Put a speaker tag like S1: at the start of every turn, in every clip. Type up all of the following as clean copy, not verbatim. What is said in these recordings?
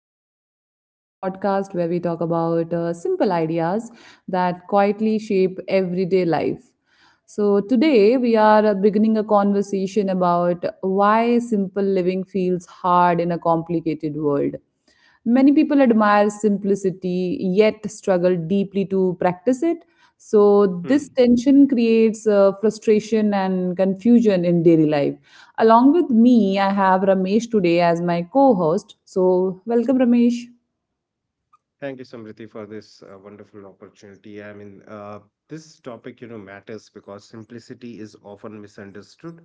S1: Truths, a podcast where we talk about simple ideas that quietly shape everyday life. Today we are beginning a conversation about why simple living feels hard in a complicated world. Many people admire simplicity yet struggle deeply to practice it. So, this
S2: Hmm.
S1: tension creates frustration and confusion in daily life. Along with me, I have Ramesh today as my co host. So, welcome, Ramesh.
S2: Thank you, Samriti, for this wonderful opportunity. This topic, matters because simplicity is often misunderstood.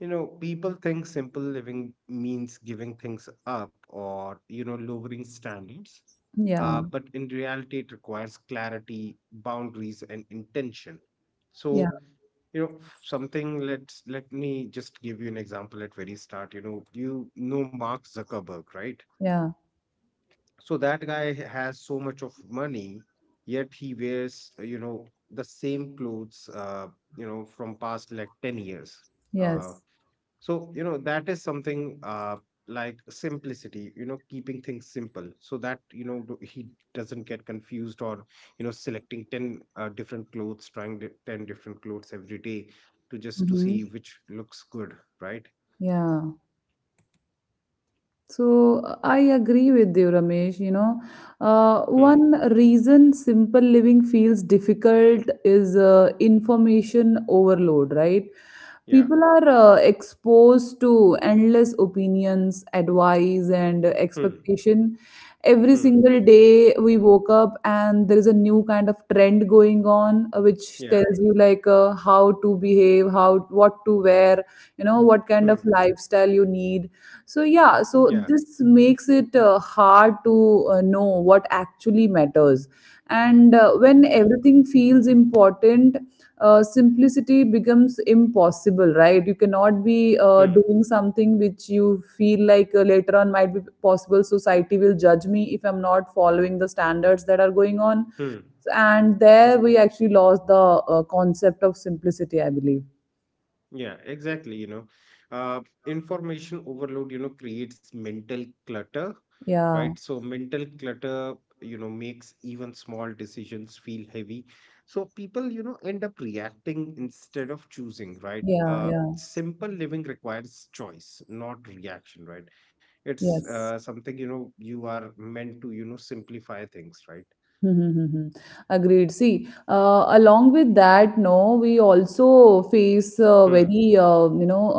S2: You know, people think simple living means giving things up or, you know, lowering standards.
S1: Yeah,
S2: But in reality, it requires clarity, boundaries, and intention.
S1: yeah,
S2: So, let me just give you an example at very start. You know Mark Zuckerberg, right?
S1: yeah,
S2: So that guy has so much of money, yet he wears, the same clothes, from past like 10 years. Uh,
S1: yes.
S2: that is something like simplicity, you know, keeping things simple so that, he doesn't get confused or, you know, selecting 10 different clothes, 10 different clothes every day to just to
S1: Hmm.
S2: see which looks good, right?
S1: Yeah. So I agree with you, Ramesh. You know, one
S2: Hmm.
S1: reason simple living feels difficult is information overload, right?
S2: Yeah.
S1: People are exposed to endless opinions, advice, and
S2: Hmm.
S1: expectation. Every
S2: Hmm.
S1: single day we woke up, and there is a new kind of trend going on, which
S2: Yeah.
S1: tells you like how to behave, how what to wear, you know, what kind of
S2: Hmm.
S1: lifestyle you need so yeah,
S2: Yeah.
S1: so this makes it hard to know what actually matters. And when
S2: Yeah.
S1: everything feels important, simplicity becomes impossible, right? You cannot be
S2: Hmm.
S1: doing something which you feel like later on might be possible. Society will judge me if I'm not following the standards that are going on.
S2: Hmm.
S1: And there we actually lost the concept of simplicity, I believe.
S2: Yeah, exactly. Uh, Information overload, you know, creates mental clutter,
S1: Yeah,
S2: right? So mental clutter, you know, makes even small decisions feel heavy. So people, you know, end up reacting instead of choosing, right?
S1: yeah, yeah.
S2: Simple living requires choice, not reaction, right? It's
S1: Yes.
S2: something, you know, you are meant to, you know, simplify things, right?
S1: Mm-hmm. Agreed. See, along with that, no, we also face a
S2: Hmm.
S1: very, you know,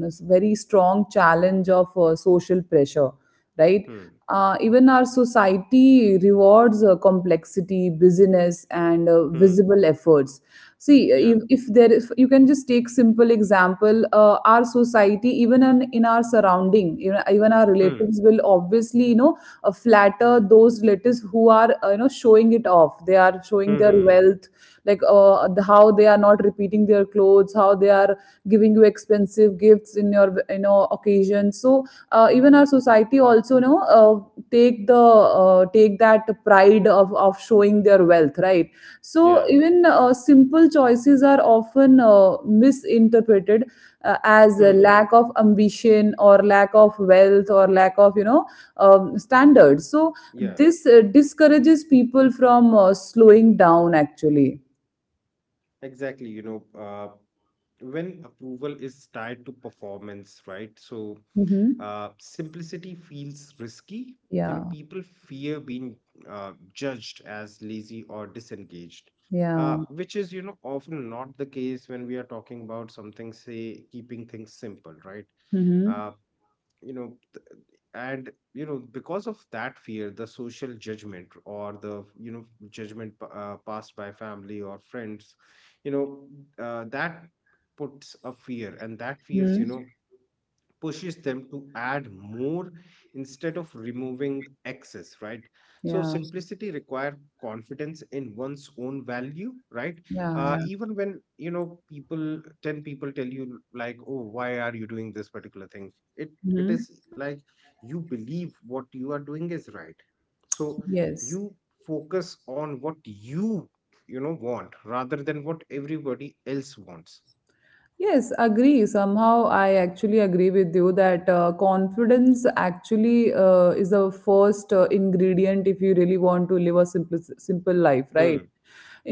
S1: very strong challenge of social pressure, right?
S2: Hmm.
S1: Even our society rewards complexity, busyness, and
S2: Hmm.
S1: visible efforts. See,
S2: Yeah.
S1: if there is, you can just take simple example. Our society, even in our surrounding, you know, even our
S2: Hmm.
S1: relatives will obviously, you know, flatter those relatives who are you know showing it off, they are showing
S2: Hmm.
S1: their
S2: Hmm. Hmm.
S1: wealth like how they are not repeating their clothes, how they are giving you expensive gifts in your, you know, occasion. So even our society also, you know, take the take that pride of showing their wealth, right? So
S2: Yeah.
S1: even simple choices are often misinterpreted as a
S2: Hmm.
S1: lack of ambition or lack of wealth or lack of, you know, standards. So
S2: Yeah,
S1: this discourages people from slowing down. Actually,
S2: exactly. When approval is tied to performance, right? So,
S1: hmm,
S2: simplicity feels risky. You know,
S1: yeah,
S2: people fear being judged as lazy or disengaged,
S1: yeah,
S2: which is, you know, often not the case when we are talking about something, say, keeping things simple, right? Uh,
S1: hmm,
S2: you know, and you know because of that fear, the social judgment or the passed by family or friends, you know that puts a fear, and that fears,
S1: hmm,
S2: you know, pushes them to add more instead of removing excess, right? So
S1: yeah,
S2: simplicity require confidence in one's own value, right?
S1: yeah,
S2: Uh,
S1: yeah.
S2: even when you know people, 10 people tell you like, oh, why are you doing this particular thing? It it
S1: Hmm.
S2: is like, you believe what you are doing is right, so
S1: Yes.
S2: you focus on what you know want rather than what everybody else wants.
S1: Yes, agree. Somehow I actually agree with you that confidence actually is the first ingredient if you really want to live a simple life,
S2: Hmm.
S1: right?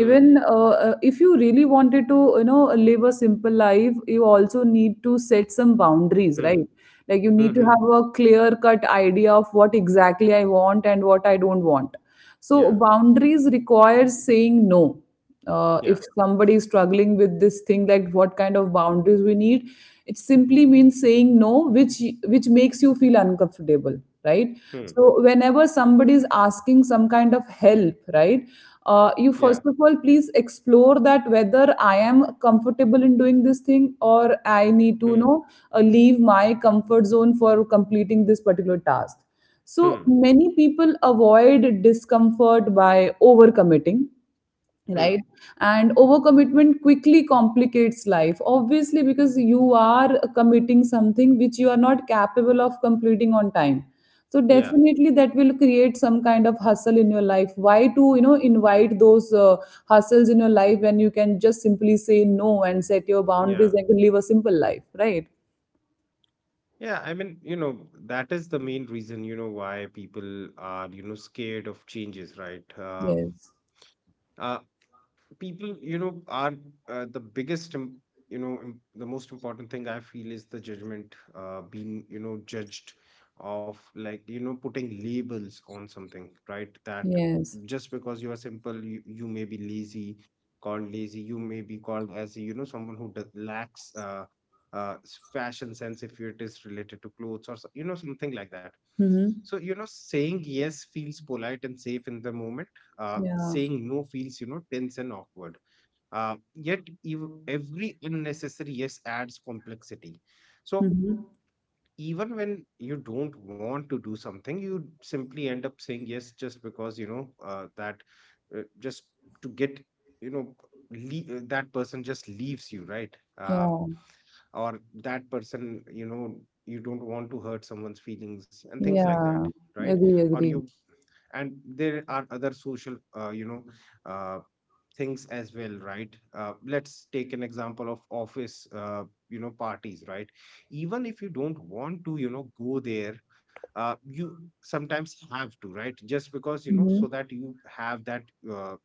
S2: Hmm.
S1: if you really wanted to, you know, live a simple life, you also need to set some boundaries,
S2: Hmm.
S1: right? Like you
S2: Hmm.
S1: need to
S2: Hmm.
S1: have a clear cut idea of what exactly I want and what I don't want. So
S2: Yeah.
S1: boundaries requires saying no. If
S2: Yeah.
S1: somebody is struggling with this thing like what kind of boundaries we need, it simply means saying no, which which makes you feel uncomfortable, right?
S2: Hmm.
S1: So whenever somebody is asking some kind of help, right, you
S2: Yeah.
S1: first of all please explore that whether I am comfortable in doing this thing or I need to, you
S2: Hmm.
S1: know, leave my comfort zone for completing this particular task. So
S2: Hmm.
S1: many people avoid discomfort by overcommitting,
S2: Hmm.
S1: right? And overcommitment quickly complicates life obviously because you are committing something which you are not capable of completing on time. So
S2: Yeah.
S1: definitely that will create some kind of hustle in your life. Why to, you know, invite those hustles in your life when you can just simply say no and set your
S2: Yeah.
S1: boundaries and live a simple life, right?
S2: Yeah. You know, that is the main reason, you know, why people are, you know, scared of changes, right?
S1: Yes,
S2: Uh, People you know are the biggest im- you know im- the most important thing I feel is the judgment, being, you know, judged, of like, you know, putting labels on something, right? That
S1: yes,
S2: just because you are simple, you may be lazy, called lazy, you may be called as, you know, someone who lacks fashion sense if it is related to clothes or you know something like that.
S1: mm-hmm,
S2: So, you know, saying yes feels polite and safe in the moment.
S1: yeah,
S2: Saying no feels, you know, tense and awkward. Yet, every unnecessary yes adds complexity. So,
S1: mm-hmm,
S2: even when you don't want to do something, you simply end up saying yes just because, you know, that just to get, you know, that person just leaves you, right?
S1: yeah,
S2: Or that person, you know, you don't want to hurt someone's feelings and things like that,
S1: yeah,
S2: right?
S1: agree,
S2: Or
S1: agree,
S2: you, and there are other social uh, things as well, right? Uh, let's take an example of office, you know, parties, right? Even if you don't want to, you know, go there, you sometimes have to, right, just because, you know, so
S1: mm-hmm,
S2: that you have that uh,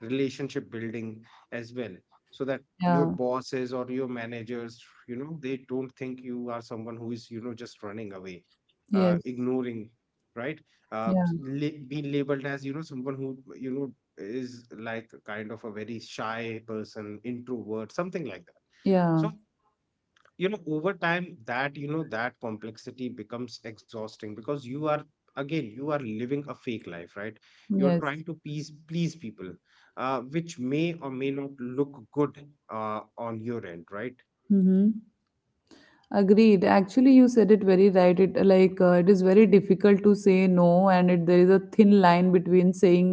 S2: relationship building as well, so that your
S1: yeah,
S2: bosses or your managers, you know, they don't think you are someone who is, you know, just running away,
S1: yes.
S2: ignoring, right? uh,
S1: Yeah,
S2: Being labeled as, you know, someone who, you know, is like kind of a very shy person, introvert, something like that.
S1: yeah,
S2: So, you know, over time that, you know, that complexity becomes exhausting because you are living a fake life, right? You're
S1: yes.
S2: trying to please people, which may or may not look good on your end, right?
S1: Mm-hmm. Agreed. Actually, you said it very right. It it is very difficult to say no, and there is a thin line between saying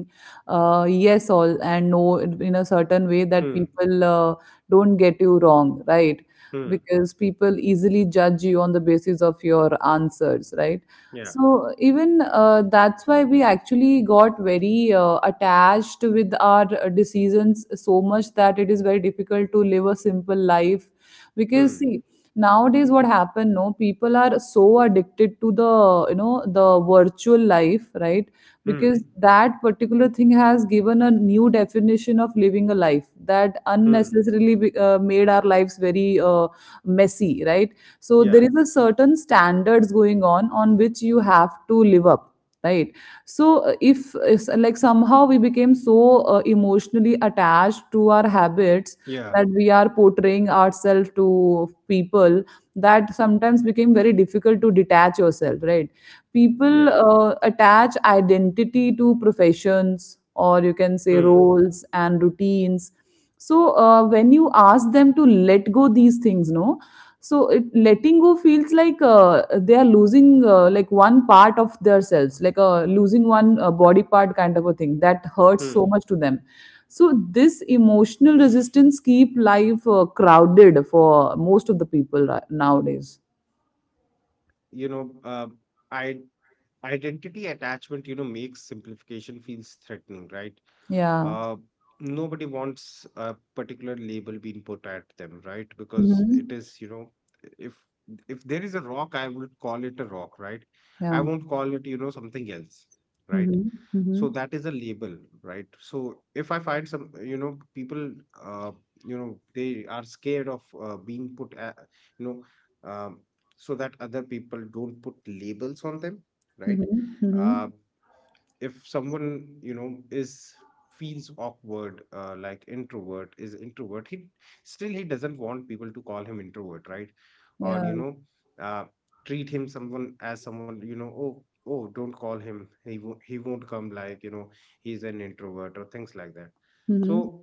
S1: yes all and no in a certain way that
S2: Hmm.
S1: people don't get you wrong, right?
S2: Hmm.
S1: Because people easily judge you on the basis of your answers, right?
S2: Yeah.
S1: So even that's why we actually got very attached with our decisions so much that it is very difficult to live a simple life because
S2: Hmm.
S1: see nowadays what happened no, people are so addicted to the, you know, the virtual life, right? Because
S2: Hmm.
S1: that particular thing has given a new definition of living a life that
S2: Hmm.
S1: unnecessarily made our lives very messy, right? So there
S2: Yeah.
S1: is a certain standards going on which you have to live up, right? So if like somehow we became so emotionally attached to our habits
S2: Yeah.
S1: that we are portraying ourselves to people that sometimes became very difficult to detach yourself, right? People
S2: Yeah.
S1: attach identity to professions, or you can say
S2: Hmm.
S1: roles and routines. So when you ask them to let go these things, no, so letting go feels like they are losing like one part of themselves, like losing one body part kind of a thing that hurts so
S2: Hmm.
S1: much to them. So this emotional resistance keep life crowded for most of the people nowadays.
S2: you know I Identity attachment, you know, makes simplification feels threatening, right?
S1: Yeah.
S2: Uh, nobody wants a particular label being put at them, right? Because it
S1: Mm-hmm.
S2: is, if if there is a rock, I would call it a rock, right? I
S1: Yeah.
S2: won't call it, you know, something else, right?
S1: Mm-hmm. Mm-hmm.
S2: So that is a label, right? So if I find some, you know, people, uh, they are scared of being put a, you know um, so that other people don't put labels on them, right?
S1: Mm-hmm. Mm-hmm.
S2: Uh, if someone, you know, is feels awkward, like introvert is introvert, he doesn't want people to call him introvert, right? Or,
S1: Yeah.
S2: you know, uh, treat him someone as someone, you know, oh don't call him, he won't come, like, you know, he's an introvert or things like that.
S1: Mm-hmm.
S2: So,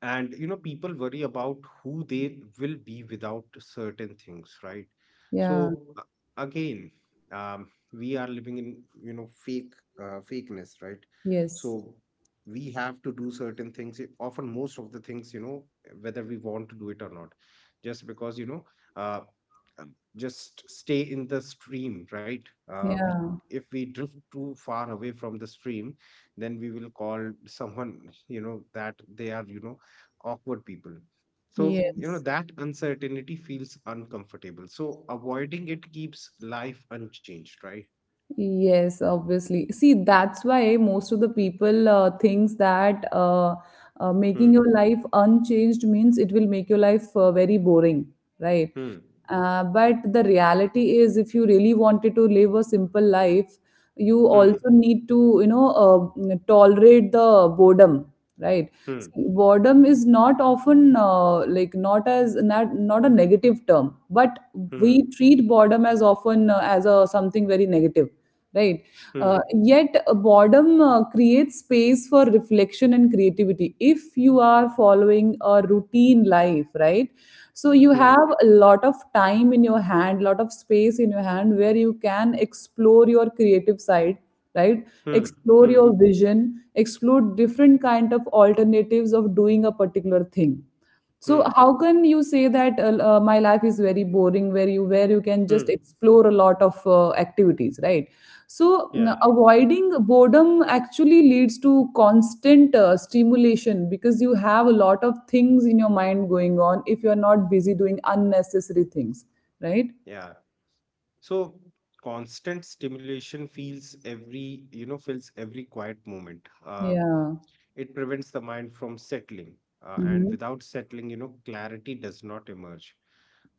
S2: and you know people worry about who they will be without certain things, right?
S1: Yeah.
S2: So again um, we are living in, you know, fakeness, right?
S1: Yes.
S2: So we have to do certain things, often most of the things, you know, whether we want to do it or not, just because, uh, just stay in the stream, right? Uh, we,
S1: Yeah.
S2: if we drift too far away from the stream, then we will call someone, you know, that they are, you know, awkward people. So, you know,
S1: Yes.
S2: that uncertainty feels uncomfortable. So, avoiding it keeps life unchanged, right?
S1: Yes, obviously. See, that's why most of the people thinks that making
S2: Hmm.
S1: your life unchanged means it will make your life very boring, right?
S2: Hmm.
S1: But the reality is, if you really wanted to live a simple life, you
S2: Hmm.
S1: also need to, you know, tolerate the boredom, right?
S2: Hmm.
S1: See, boredom is not often not as not not a negative term, but we
S2: Hmm.
S1: treat boredom as often as a something very negative, right?
S2: Hmm.
S1: Yet, boredom creates space for reflection and creativity. If you are following a routine life, right? So you
S2: Hmm.
S1: have a lot of time in your hand, lot of space in your hand where you can explore your creative side, right?
S2: Hmm.
S1: Explore
S2: Hmm.
S1: your vision, explore different kind of alternatives of doing a particular thing. So
S2: Hmm.
S1: how can you say that my life is very boring where you can just
S2: Hmm.
S1: explore a lot of activities, right? So,
S2: Yeah,
S1: avoiding boredom actually leads to constant stimulation because you have a lot of things in your mind going on if you're not busy doing unnecessary things, right?
S2: yeah. So, constant stimulation feels every, you know, fills every quiet moment.
S1: Yeah.
S2: It prevents the mind from settling, and
S1: Mm-hmm.
S2: without settling, you know, clarity does not emerge.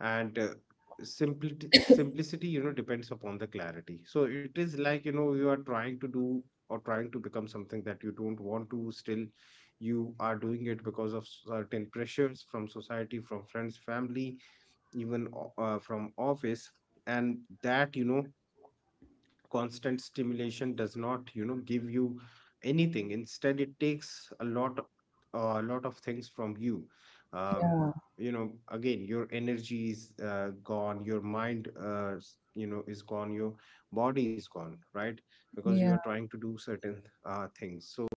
S2: And simplicity, you know, depends upon the clarity. So it is like, you know, you are trying to do or trying to become something that you don't want to, still you are doing it because of certain pressures from society, from friends, family, even from office. And that, you know, constant stimulation does not, you know, give you anything, instead it takes a lot of things from you. Um,
S1: Yeah.
S2: you know, again, your energy is, gone, your mind, you know, is gone, your body is gone, right? Because you are
S1: Yeah.
S2: trying to do certain things. So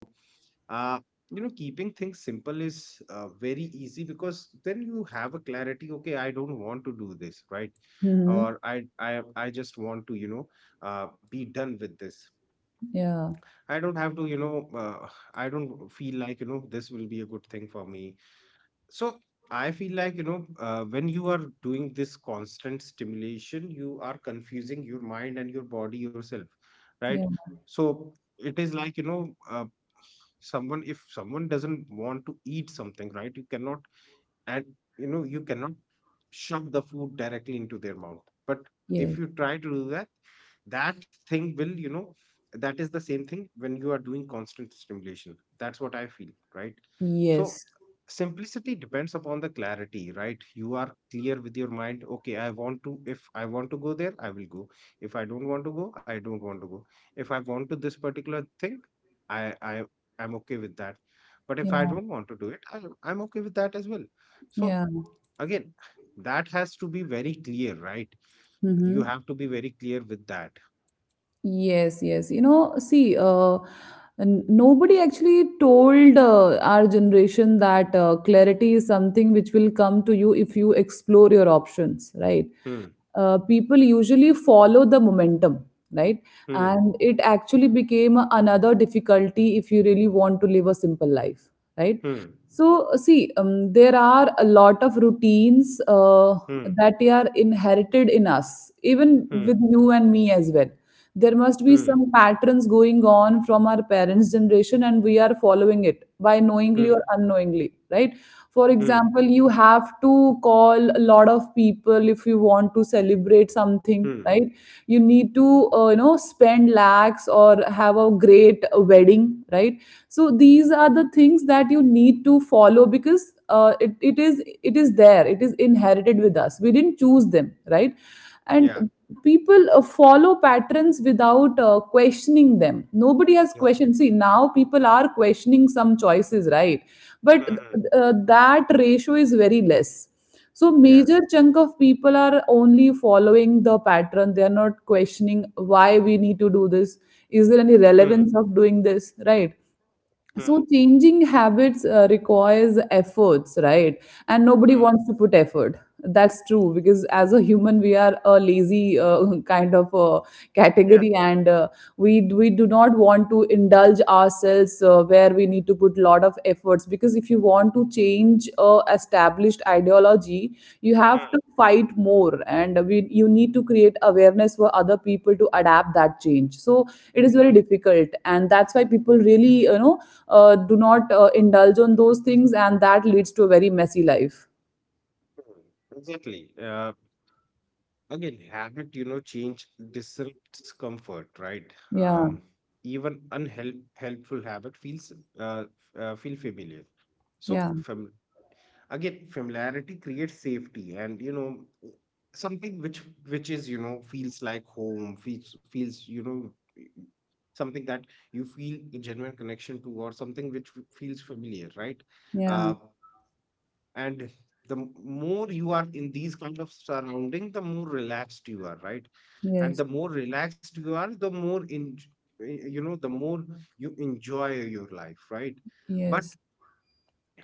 S2: uh, you know, keeping things simple is, very easy because then you have a clarity, okay, I don't want to do this, right?
S1: Mm-hmm.
S2: Or i I just want to, you know, be done with this.
S1: Yeah.
S2: I don't have to, you know, I don't feel like, you know, this will be a good thing for me. So I feel like, you know, when you are doing this constant stimulation, you are confusing your mind and your body, yourself, right?
S1: Yeah.
S2: So it is like, you know, if someone doesn't want to eat something, right, you cannot, and you know you cannot shove the food directly into their mouth. But if
S1: Yes.
S2: you try to do that, that thing will, you know, that is the same thing when you are doing constant stimulation, that's what I feel, right? So
S1: Yes.
S2: simplicity depends upon the clarity, right? You are clear with your mind, okay, I want to, if I want to go there, I will go, if I don't want to go, I don't want to go. If I want to this particular thing, I am okay with that. But if I
S1: Yeah.
S2: don't want to do it, I'm okay with that as well. So
S1: Yeah.
S2: again, that has to be very clear, right? You
S1: Mm-hmm.
S2: have to be very clear with that.
S1: Yes, yes. You know, see, nobody actually told our generation that clarity is something which will come to you if you explore your options, right?
S2: Hmm.
S1: People usually follow the momentum, right?
S2: Hmm.
S1: And it actually became another difficulty if you really want to live a simple life, right?
S2: Hmm.
S1: So see there are a lot of routines
S2: Hmm.
S1: that are inherited in us, even
S2: Hmm.
S1: with you and me as well. There must be
S2: Hmm.
S1: some patterns going on from our parents generation and we are following it by knowingly
S2: Hmm.
S1: or unknowingly, right? For
S2: Hmm.
S1: example, you have to call a lot of people if you want to celebrate something,
S2: Hmm.
S1: right? You need to you know spend lakhs or have a great wedding, right? So these are the things that you need to follow because it is there, it is inherited with us, we didn't choose them, right? And
S2: Yeah.
S1: people follow patterns without questioning them. Nobody has
S2: Yeah.
S1: questioned. See, now people are questioning some choices, right?
S2: Hmm.
S1: But
S2: Hmm.
S1: that ratio is very less. So
S2: Yeah.
S1: major chunk of people are only following the pattern, they are not questioning why we need to do this, is there any
S2: Hmm.
S1: relevance of doing this, right?
S2: Hmm.
S1: So changing habits requires efforts, right? And nobody
S2: Hmm.
S1: wants to put effort. That's true, because as a human, we are a lazy kind of
S2: Yeah.
S1: category, and we do not want to indulge ourselves where we need to put lot of efforts. Because if you want to change a established ideology, you
S2: Hmm.
S1: have
S2: Hmm.
S1: to fight more, and you need to create awareness for other people to adapt that change. So it is very difficult and that's why people really, you know, do not indulge on those things and that leads to a very messy life.
S2: Hmm. Exactly. Again, habit, you know, change disrupts comfort, right?
S1: Yeah,
S2: Even unhelp helpful habit feels, uh, feel familiar. So,
S1: yeah,
S2: fam again, familiarity creates safety, and something which is, feels like home, feels feels you know something that you feel a genuine connection to, or something which feels familiar, right?
S1: yeah,
S2: uh, and the more you are in these kind of surrounding, the more relaxed you are, right? And
S1: yes,
S2: the more relaxed you are, the more the more you enjoy your life, right? But
S1: yes,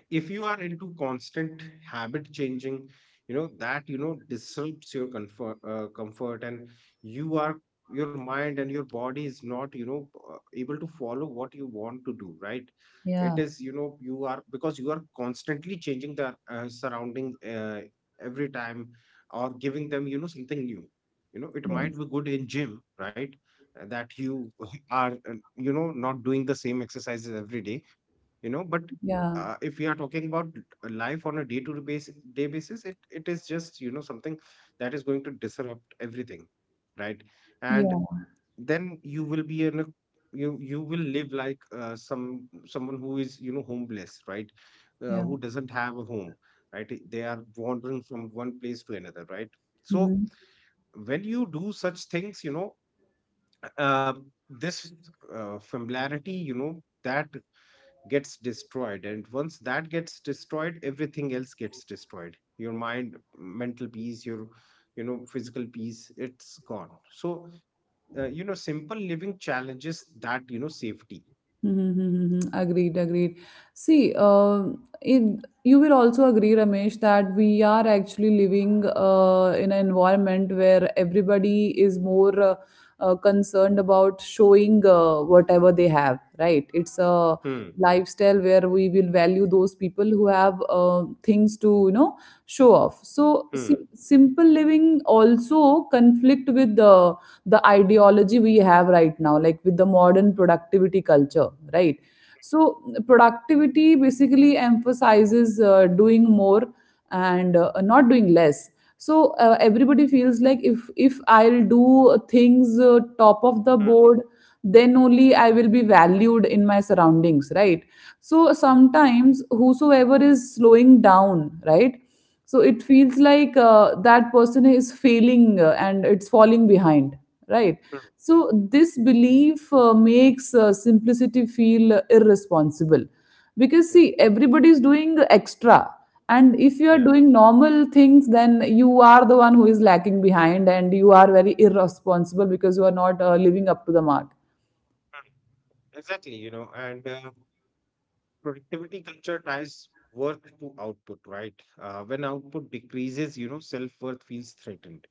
S2: if you are into constant habit changing, that disrupts your comfort, and you are your mind and your body is not, able to follow what you want to do, right? It
S1: yeah,
S2: is, you are because you are constantly changing the surrounding every time, or giving them something new. It might
S1: yes,
S2: be good in gym, right? That you are, not doing the same exercises every day, but
S1: yeah,
S2: if we are talking about a life on a day basis, it is just, something that is going to disrupt everything, right. And
S1: yeah,
S2: then you will be in a you you will live like, someone who is, homeless, right.
S1: yeah,
S2: Who doesn't have a home, right. They are wandering from one place to another, right. So
S1: hmm.
S2: when you do such things, uh, this familiarity, that gets destroyed. And once that gets destroyed, everything else gets destroyed: your mind, mental peace, your, physical peace, it's gone. So simple living challenges that, safety.
S1: Mm-hmm. Agreed, agreed. See, you will also agree, Ramesh, that we are actually living in an environment where everybody is more concerned about showing whatever they have, right? It's a
S2: Hmm,
S1: lifestyle where we will value those people who have things to, you know, show off. So,
S2: hmm,
S1: see, simple living also conflict with the ideology we have right now, like with the modern productivity culture, right? So productivity basically emphasizes doing more and not doing less. So everybody feels like if I'll do things top of the
S2: hmm,
S1: board, then only I will be valued in my surroundings, right? So sometimes whosoever is slowing down, right, so it feels like that person is failing and it's falling behind, right?
S2: hmm.
S1: So this belief makes simplicity feel irresponsible, because,
S2: Yeah,
S1: see, everybody is doing extra, and if you are
S2: yeah.
S1: doing normal things, then you are the one who is lacking behind and you are very irresponsible because you are not living up to the mark.
S2: Hmm. Exactly, and productivity culture ties worth to output, right. When output decreases, self-worth feels threatened.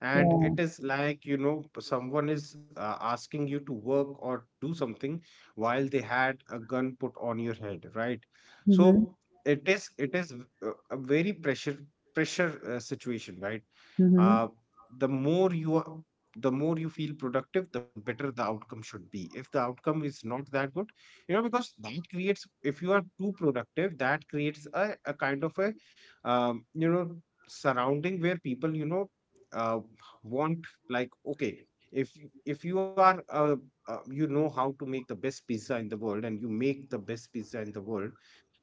S2: And
S1: Yeah,
S2: it is like, someone is, asking you to work or do something while they had a gun put on your head, right.
S1: mm-hmm.
S2: So it is, a very pressure, situation, right.
S1: Mm-hmm.
S2: uh, the more you are the more you feel productive, the better the outcome should be. If the outcome is not that good, because that creates, if you are too productive, that creates a kind of a, um, you know surrounding where people, uh, want, like, okay, if you are, how to make the best pizza in the world, and you make the best pizza in the world,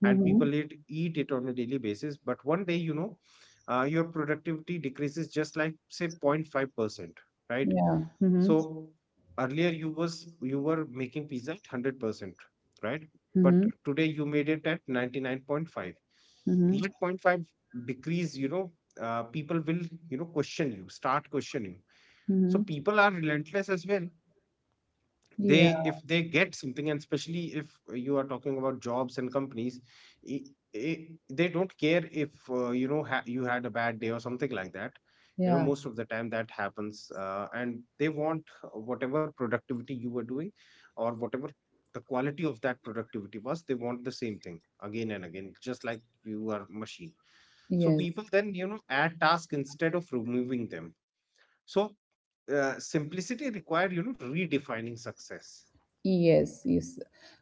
S2: and
S1: Mm-hmm.
S2: people eat it on a daily basis. But one day, your productivity decreases, just like, say, 0.5%, right?
S1: Yeah, mm-hmm.
S2: So earlier, you were making pizza at 100%, right? But
S1: Mm-hmm.
S2: today you made it at 99.5. That zero
S1: Mm-hmm.
S2: point 0.5 decrease, people will, start questioning. So
S1: Mm-hmm.
S2: people are relentless as well. They
S1: Yeah,
S2: If they get something, and especially if you are talking about jobs and companies, I I they don't care if, you had a bad day or something like that.
S1: yeah,
S2: Most of the time that happens, and they want whatever productivity you were doing, or whatever the quality of that productivity was, they want the same thing again and again, just like you are machine. So
S1: yes.
S2: people then, add tasks instead of removing them. So simplicity require, redefining success.
S1: Yes, yes.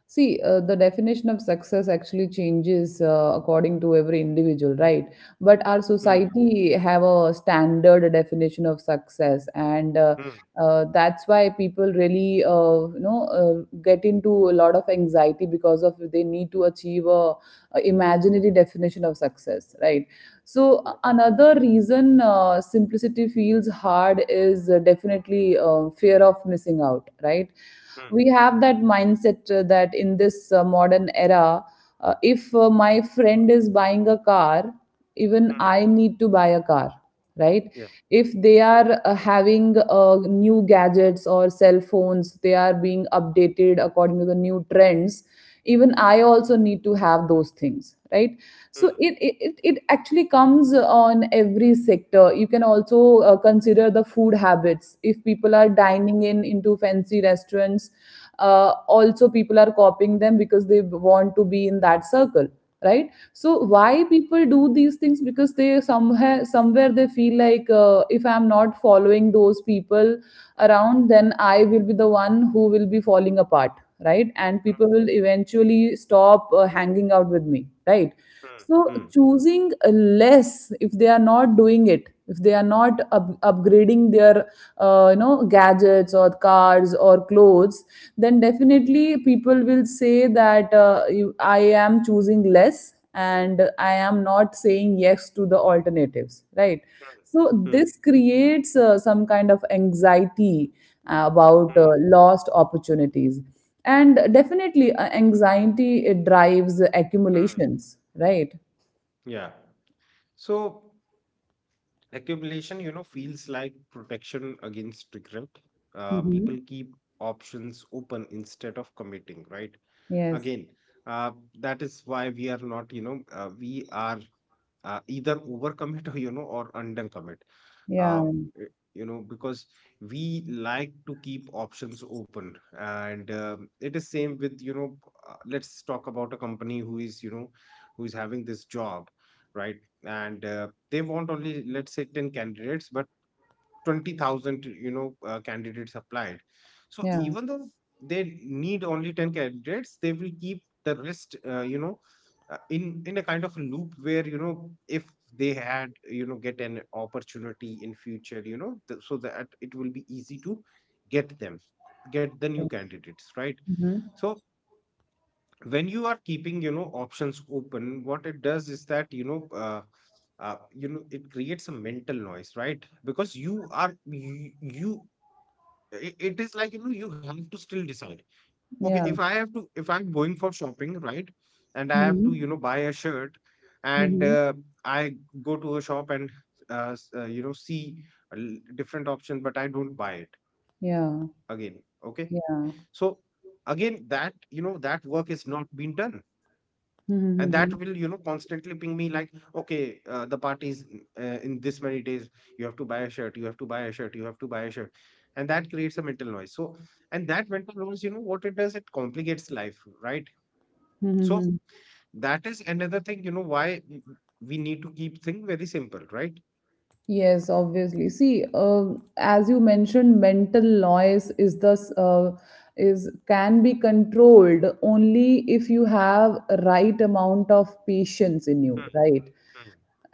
S1: See, the definition of success actually changes according to every individual, right? But our
S2: Hmm.
S1: society have a standard definition of success, and
S2: Hmm.
S1: that's why people really, get into a lot of anxiety because of they need to achieve a imaginary definition of success, right? So
S2: Yeah.
S1: another reason simplicity feels hard is definitely fear of missing out, right?
S2: Hmm.
S1: We have that mindset that in this modern era, if my friend is buying a car, even
S2: Hmm.
S1: I need to buy a car, right?
S2: Yeah.
S1: If they are having new gadgets or cell phones, they are being updated according to the new trends, even I also need to have those things, right? So
S2: Hmm.
S1: it actually comes on every sector. You can also consider the food habits. If people are dining in into fancy restaurants, also people are copying them because they want to be in that circle, right? So why people do these things? Because they somewhere they feel like if I'm not following those people around, then I will be the one who will be falling apart, right, and
S2: Hmm.
S1: people will eventually stop hanging out with me, right.
S2: Hmm.
S1: So
S2: Hmm. Hmm.
S1: choosing less, if they are not doing it, if they are not upgrading their gadgets or cars or clothes, then definitely people will say that I am choosing less and I am not saying yes to the alternatives, right? So
S2: Hmm.
S1: this creates some kind of anxiety about
S2: Hmm.
S1: lost opportunities, and definitely anxiety, it drives
S2: Mm.
S1: accumulations, right?
S2: Yeah. So accumulation, feels like protection against regret. People
S1: Mhm.
S2: keep options open instead of committing, right?
S1: Yes.
S2: Again, uh, that is why we are not, we are, either overcommit or, or undercommit.
S1: Yeah.
S2: um, y- because we like to keep options open. And it is same with, let's talk about a company who is, who is having this job, right? And they want, only let's say, 10 candidates, but 20,000, candidates applied. So
S1: Yeah.
S2: even though they need only 10 candidates, they will keep the rest, in a kind of loop where, if they had, get an opportunity in future, so that it will be easy to get them, get the new
S1: Yes.
S2: candidates, right?
S1: Hmm.
S2: So when you are keeping, options open, what it does is that, it creates a mental noise, right? Because you, you it is like, you have to still decide. Okay,
S1: Yeah.
S2: if I'm going for shopping, right? And I have to,
S1: Mhm.
S2: buy a shirt. And
S1: Mhm.
S2: I go to a shop, and see different option, but I don't buy it. Again,
S1: Yeah.
S2: okay. So
S1: Yeah.
S2: again, that, that work is not being done. And that will,
S1: Mhm.
S2: constantly ping me, like, okay, the party is in this many days, you have to buy a shirt, you have to buy a shirt, you have to buy a shirt. And that creates a mental noise. So, and that mental noise, what it does, it complicates life, right. So
S1: Mhm.
S2: that is another thing, why we need to keep things very simple, right.
S1: Yes, obviously. See, as you mentioned, mental noise is thus is can be controlled only if you have right amount of patience in you, right?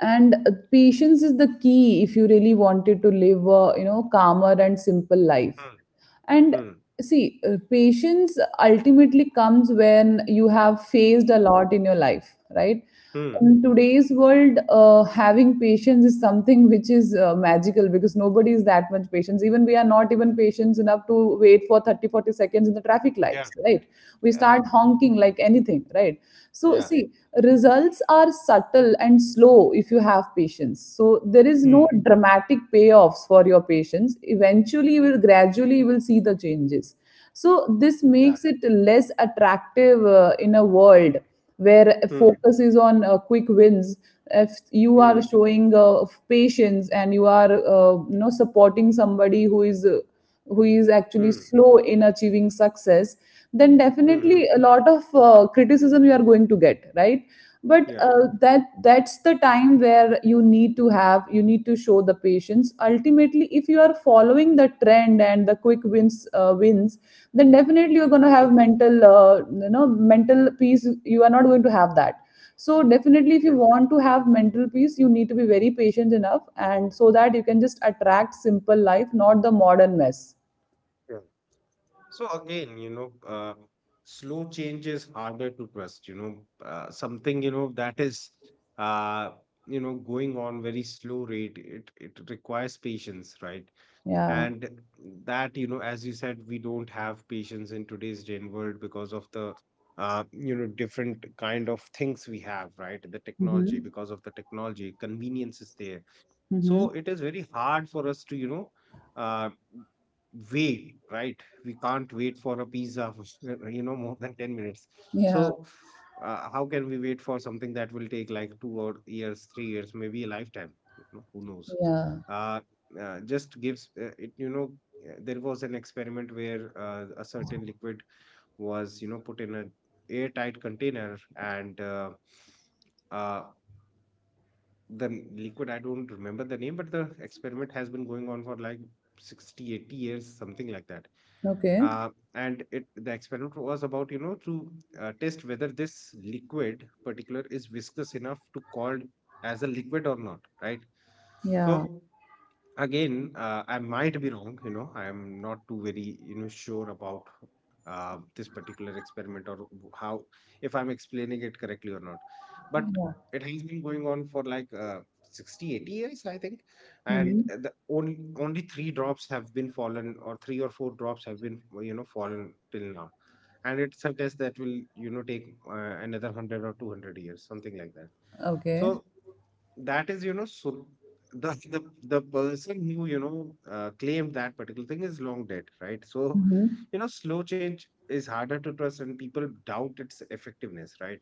S1: And patience is the key if you really wanted to live a, you know, calmer and simple life.
S2: Hmm,
S1: And
S2: hmm, hmm,
S1: see, patience ultimately comes when you have faced a lot in your life, right?
S2: hmm, hmm,
S1: In today's world, having patience is something which is magical, because nobody is that much patience. Even we are not even
S2: hmm.
S1: patient enough to wait for 30, 40 seconds in the traffic lights,
S2: Yeah,
S1: right? We
S2: yeah,
S1: start honking like anything, right? So,
S2: yeah.
S1: see, results are subtle and slow if you have patience, so there is no
S2: Hmm.
S1: dramatic payoffs for your patience. Eventually you will gradually you will see the changes. So this
S2: Yeah.
S1: makes it less attractive in a world where
S2: Hmm,
S1: focus is on quick wins. If you
S2: hmm,
S1: are showing patience and you are, you know, supporting somebody who is actually
S2: hmm,
S1: slow in achieving success, then
S2: hmm, hmm.
S1: definitely a lot of criticism you are going to get, right? But
S2: Yeah.
S1: that that's the time where you need to have, you need to show the patience. Ultimately, if you are following the trend and the quick wins, wins, then definitely you're going to
S2: Hmm.
S1: have mental, mental peace you are not going to have that. So definitely, if you want to have mental peace, you need to be very patient enough, and so that you can just attract simple life, not the modern mess.
S2: Yeah. So again, slow change is harder to trust, something, that is, uh, going on very slow rate. It requires patience, right?
S1: Yeah,
S2: And that, as you said, we don't have patience in today's day and world, because of the, different kind of things we have, right? The technology,
S1: mm-hmm.
S2: because of the technology, convenience is there.
S1: Mm-hmm.
S2: So it is very hard for us to, uh, wait, right? We can't wait for a pizza for, more than 10 minutes.
S1: Yeah.
S2: So how can we wait for something that will take like two or years, 3 years, maybe a lifetime? You know, who knows?
S1: Yeah.
S2: Uh, uh, just gives uh, it, you know, there was an experiment where, a certain liquid was, put in a airtight container, and, uh, the liquid, I don't remember the name, but the experiment has been going on for like 60, 80 years, something like that.
S1: Okay.
S2: And it the experiment was about, to test whether this liquid particular is viscous enough to called as a liquid or not, right.
S1: Yeah.
S2: So again, I might be wrong, I am not too very, sure about, this particular experiment, or how, if I'm explaining it correctly or not. But
S1: Yeah.
S2: it has been going on for like, 60 80 years, I think. And
S1: Hmm.
S2: the only three drops have been fallen, or three or four drops have been, fallen till now. And it's a test that will, take, another 100 or 200 years, something like that. So
S1: Okay.
S2: that is, so the person who, claimed that particular thing is long dead, right? So,
S1: Mm-hmm.
S2: slow change is harder to trust, and people doubt its effectiveness, right?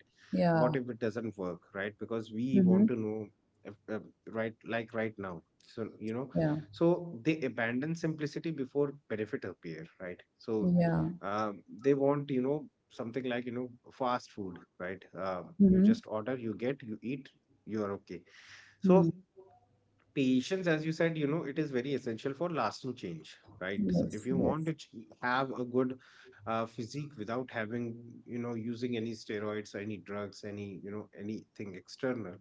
S2: What
S1: Yeah.
S2: if it doesn't work, right? Because we
S1: Mm-hmm.
S2: want to know if, right, like right now. So,
S1: Yeah.
S2: so they abandon simplicity before benefit appear, right? So,
S1: Yeah.
S2: they want, something like, fast food, right? You
S1: Mm-hmm.
S2: just order, you get, you eat, you are okay. So
S1: Hmm.
S2: patience, as you said, it is very essential for lasting change, right? So if
S1: Yes,
S2: you want
S1: yes.
S2: to have a good, physique without having, using any steroids, any drugs, any, anything external,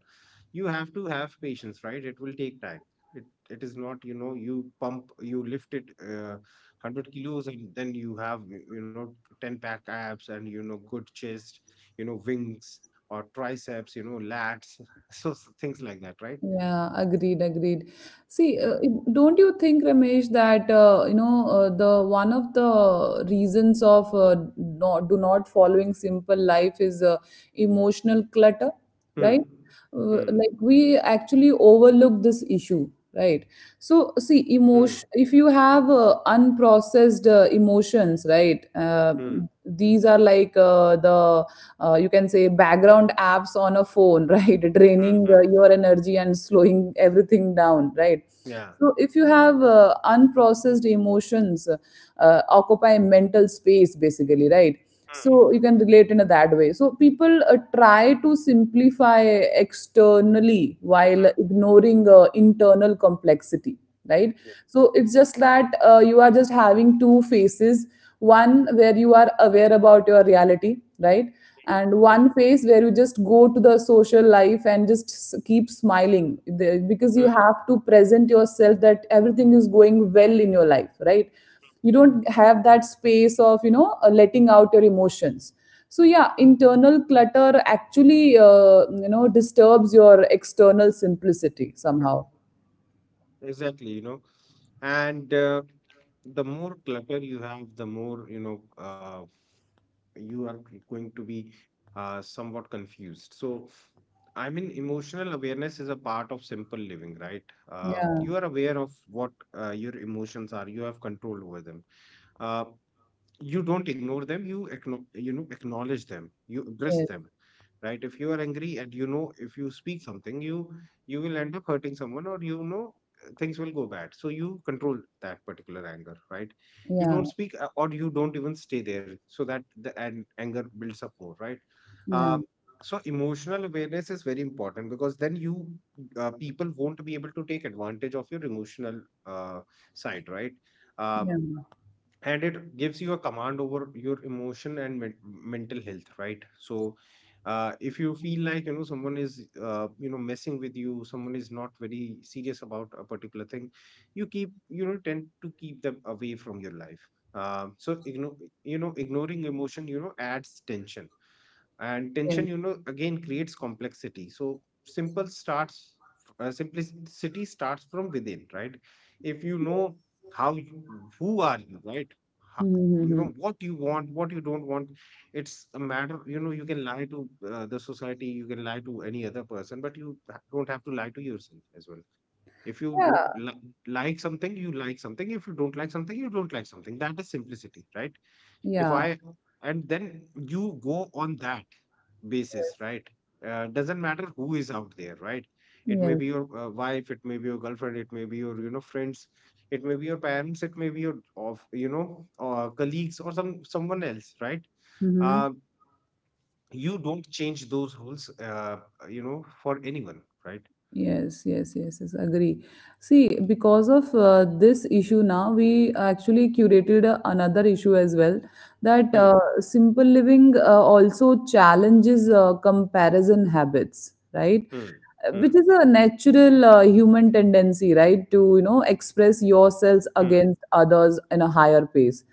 S2: you have to have patience, right? It will take time. It is not, you pump, you lift it, 100 kilos, and then you have, you know, 10 pack abs, and, good chest, wings, or triceps, lats. So things like that, right?
S1: Yeah, agreed, agreed. See,
S2: Yeah.
S1: don't you think, Ramesh, that the one of the reasons of not do not following simple life is emotional clutter, right?
S2: Mm. Mm.
S1: Like we actually overlook this issue, right? So, see, emotion,
S2: Mm.
S1: if you have unprocessed emotions, right,
S2: Mm.
S1: these are like the you can say background apps on a phone right, draining your energy and slowing everything down, right?
S2: Yeah.
S1: So if you have unprocessed emotions occupy mental space, basically, right? So you can relate in a that way. So people try to simplify externally while ignoring internal complexity, right. So it's just that you are just having two faces, one where you are aware about your reality, right, and one phase where you just go to the social life and just keep smiling. The- because you have to present yourself that everything is going well in your life, right. You don't have that space of, you know, letting out your emotions. So yeah, internal clutter actually, disturbs your external simplicity somehow.
S2: Exactly, And the more clutter you have, the more, you are going to be, somewhat confused. So, I mean, emotional awareness is a part of simple living, right?
S1: Yeah.
S2: You are aware of what, your emotions are, you have control over them. Uh, you don't ignore them, you you know acknowledge them, you address
S1: Yes.
S2: them, right. If you are angry, and, if you speak something, you will end up hurting someone, or, things will go bad. So you control that particular anger, right. You don't
S1: Yeah.
S2: speak, or you don't even stay there so that the anger builds up more, right.
S1: Yeah.
S2: uh, so emotional awareness is very important, because then you people won't be able to take advantage of your emotional, uh, side, right. uh,
S1: Yeah.
S2: and it gives you a command over your emotion and mental health, right. So if you feel like, someone is, messing with you, someone is not very serious about a particular thing, tend to keep them away from your life. So ignoring emotion, adds tension. And
S1: Yeah.
S2: tension, again creates complexity. So simple starts simplicity starts from within, right. If you know how you, who are you, right? How, you
S1: Mm-hmm.
S2: know what you want, what you don't want. It's a matter, you can lie to the society, you can lie to any other person, but you don't have to lie to yourself as well. If you
S1: Yeah.
S2: do like something, you like something. If you don't like something, you don't like something. That is simplicity, right. if
S1: Yeah.
S2: I And then you go on that basis, right. Doesn't matter who is out there, right. It may
S1: Yes.
S2: be your, wife, it may be your girlfriend, it may be your, friends, it may be your parents, it may be your of colleagues, or someone else, right.
S1: Mm-hmm.
S2: uh, you don't change those rules, for anyone, right.
S1: Yes, yes, yes, yes, agree. See, because of this issue now, we actually curated another issue as well, that
S2: Hmm,
S1: simple living also challenges comparison habits, right?
S2: hmm, hmm,
S1: Which is a natural human tendency, right? To, you know, express
S2: hmm,
S1: yourselves against others in a higher pace.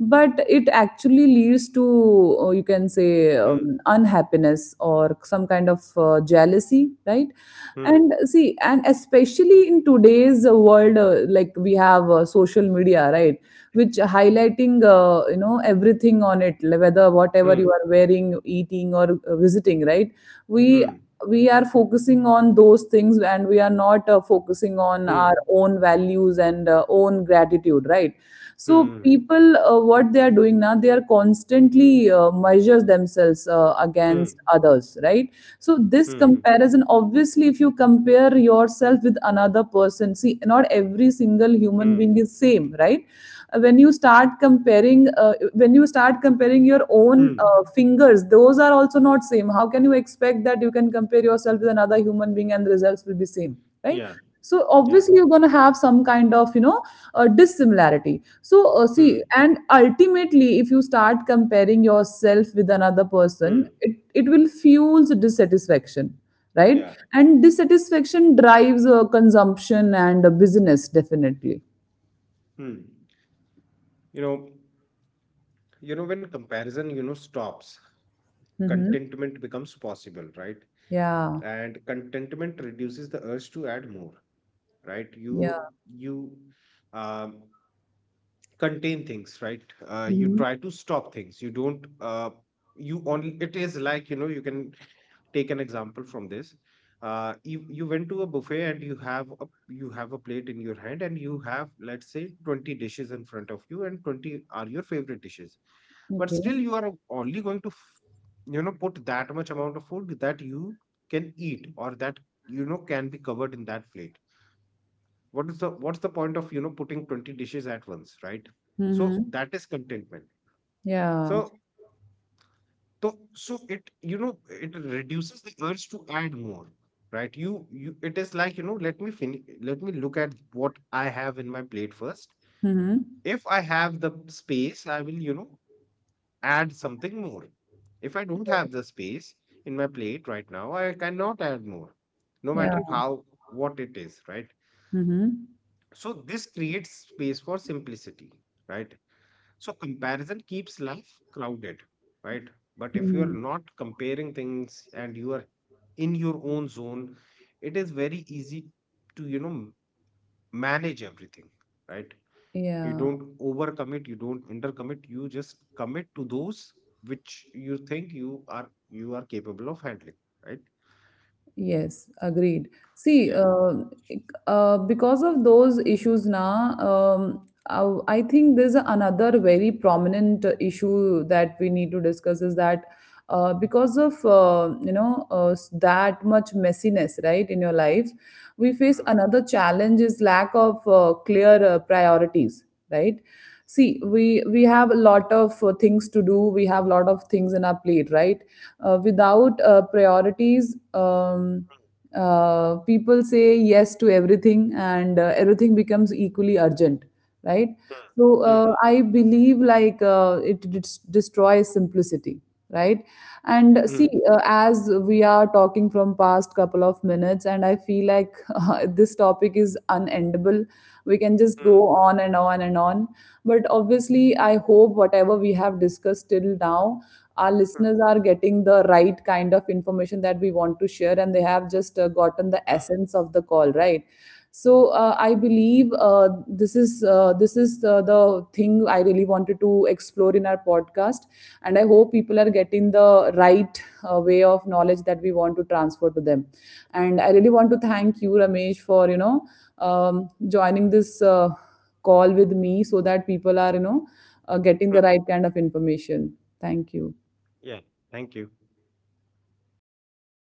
S1: But it actually leads to, you can say, unhappiness or some kind of jealousy, right?
S2: hmm,
S1: And see, and especially in today's world, like, we have social media, right, which highlighting you know, everything on it, like whether whatever
S2: hmm,
S1: you are wearing, eating or visiting, right. we
S2: hmm,
S1: we are focusing on those things and we are not focusing on
S2: hmm, hmm,
S1: our own values and own gratitude, right. So
S2: hmm,
S1: people what they are doing now, they are constantly measures themselves
S2: hmm, hmm,
S1: against others, right. So this
S2: hmm,
S1: comparison, obviously if you compare yourself with another person, see, not every single human
S2: hmm,
S1: being is same, right. When you start comparing, when you start comparing your own
S2: hmm.
S1: fingers, those are also not same. How can you expect that you can compare yourself with another human being and the results will be same, right?
S2: Yeah,
S1: So
S2: yeah.
S1: obviously you're going to have some kind of, you know, dissimilarity. So see,
S2: Hmm.
S1: and ultimately, if you start comparing yourself with another person,
S2: Hmm.
S1: it will fuels dissatisfaction, right,
S2: Yeah.
S1: and dissatisfaction drives consumption and business, definitely.
S2: Hmm. You know, when comparison, stops,
S1: Hmm.
S2: contentment becomes possible, right?
S1: Yeah.
S2: And contentment reduces the urge to add more, right? You
S1: Yeah.
S2: you um contain things, right? You
S1: Mhm.
S2: try to stop things. You don't you only it is like, you can take an example from this. You went to a buffet, and you have a plate in your hand, and you have, let's say, 20 dishes in front of you, and 20 are your favorite dishes, but
S1: Okay.
S2: still you are only going to put that much amount of food that you can eat, or that, can be covered in that plate. What's the point of, putting 20 dishes at once, right? So
S1: Mhm.
S2: that is contentment. So,
S1: Yeah.
S2: it, it reduces the urge to add more, right. It is like, let me finish, let me look at what I have in my plate first.
S1: Mhm.
S2: If I have the space, I will, add something more. If I don't have the space in my plate right now, I cannot add more, no
S1: Yeah.
S2: matter how, what it is, right?
S1: Mhm.
S2: So this creates space for simplicity, right? So comparison keeps life crowded, right? But if you are
S1: Mhm.
S2: not comparing things, and you are in your own zone, it is very easy to, manage everything, right? You
S1: Yeah.
S2: don't overcommit, you don't undercommit, you just commit to those which you think you are capable of handling, right?
S1: Yes. Agreed. See,
S2: Yeah.
S1: because of those issues now, I think there's another very prominent issue that we need to discuss, is that because of, that much messiness, right, in your life, we face another challenge is lack of clear priorities, right. See, we have a lot of things to do, we have a lot of things in our plate, right. Without priorities, people say yes to everything and everything becomes equally urgent, right. So
S2: Mm, mm,
S1: I believe like it destroys simplicity, right. And
S2: mm, mm,
S1: see, as we are talking from past couple of minutes, and I feel like this topic is unendable, we can just
S2: mm,
S1: go on and on and on, but obviously I hope whatever we have discussed till now, our
S2: mm,
S1: listeners are getting the right kind of information that we want to share, and they have just gotten the
S2: mm,
S1: essence of the call, right. So I believe this is the thing I really wanted to explore in our podcast, and I hope people are getting the right way of knowledge that we want to transfer to them. And I really want to thank you, Ramesh, for, you know, um, joining this call with me, so that people are, you know, getting
S2: mm.
S1: the right kind of information. Thank you.
S2: Yeah. Thank you.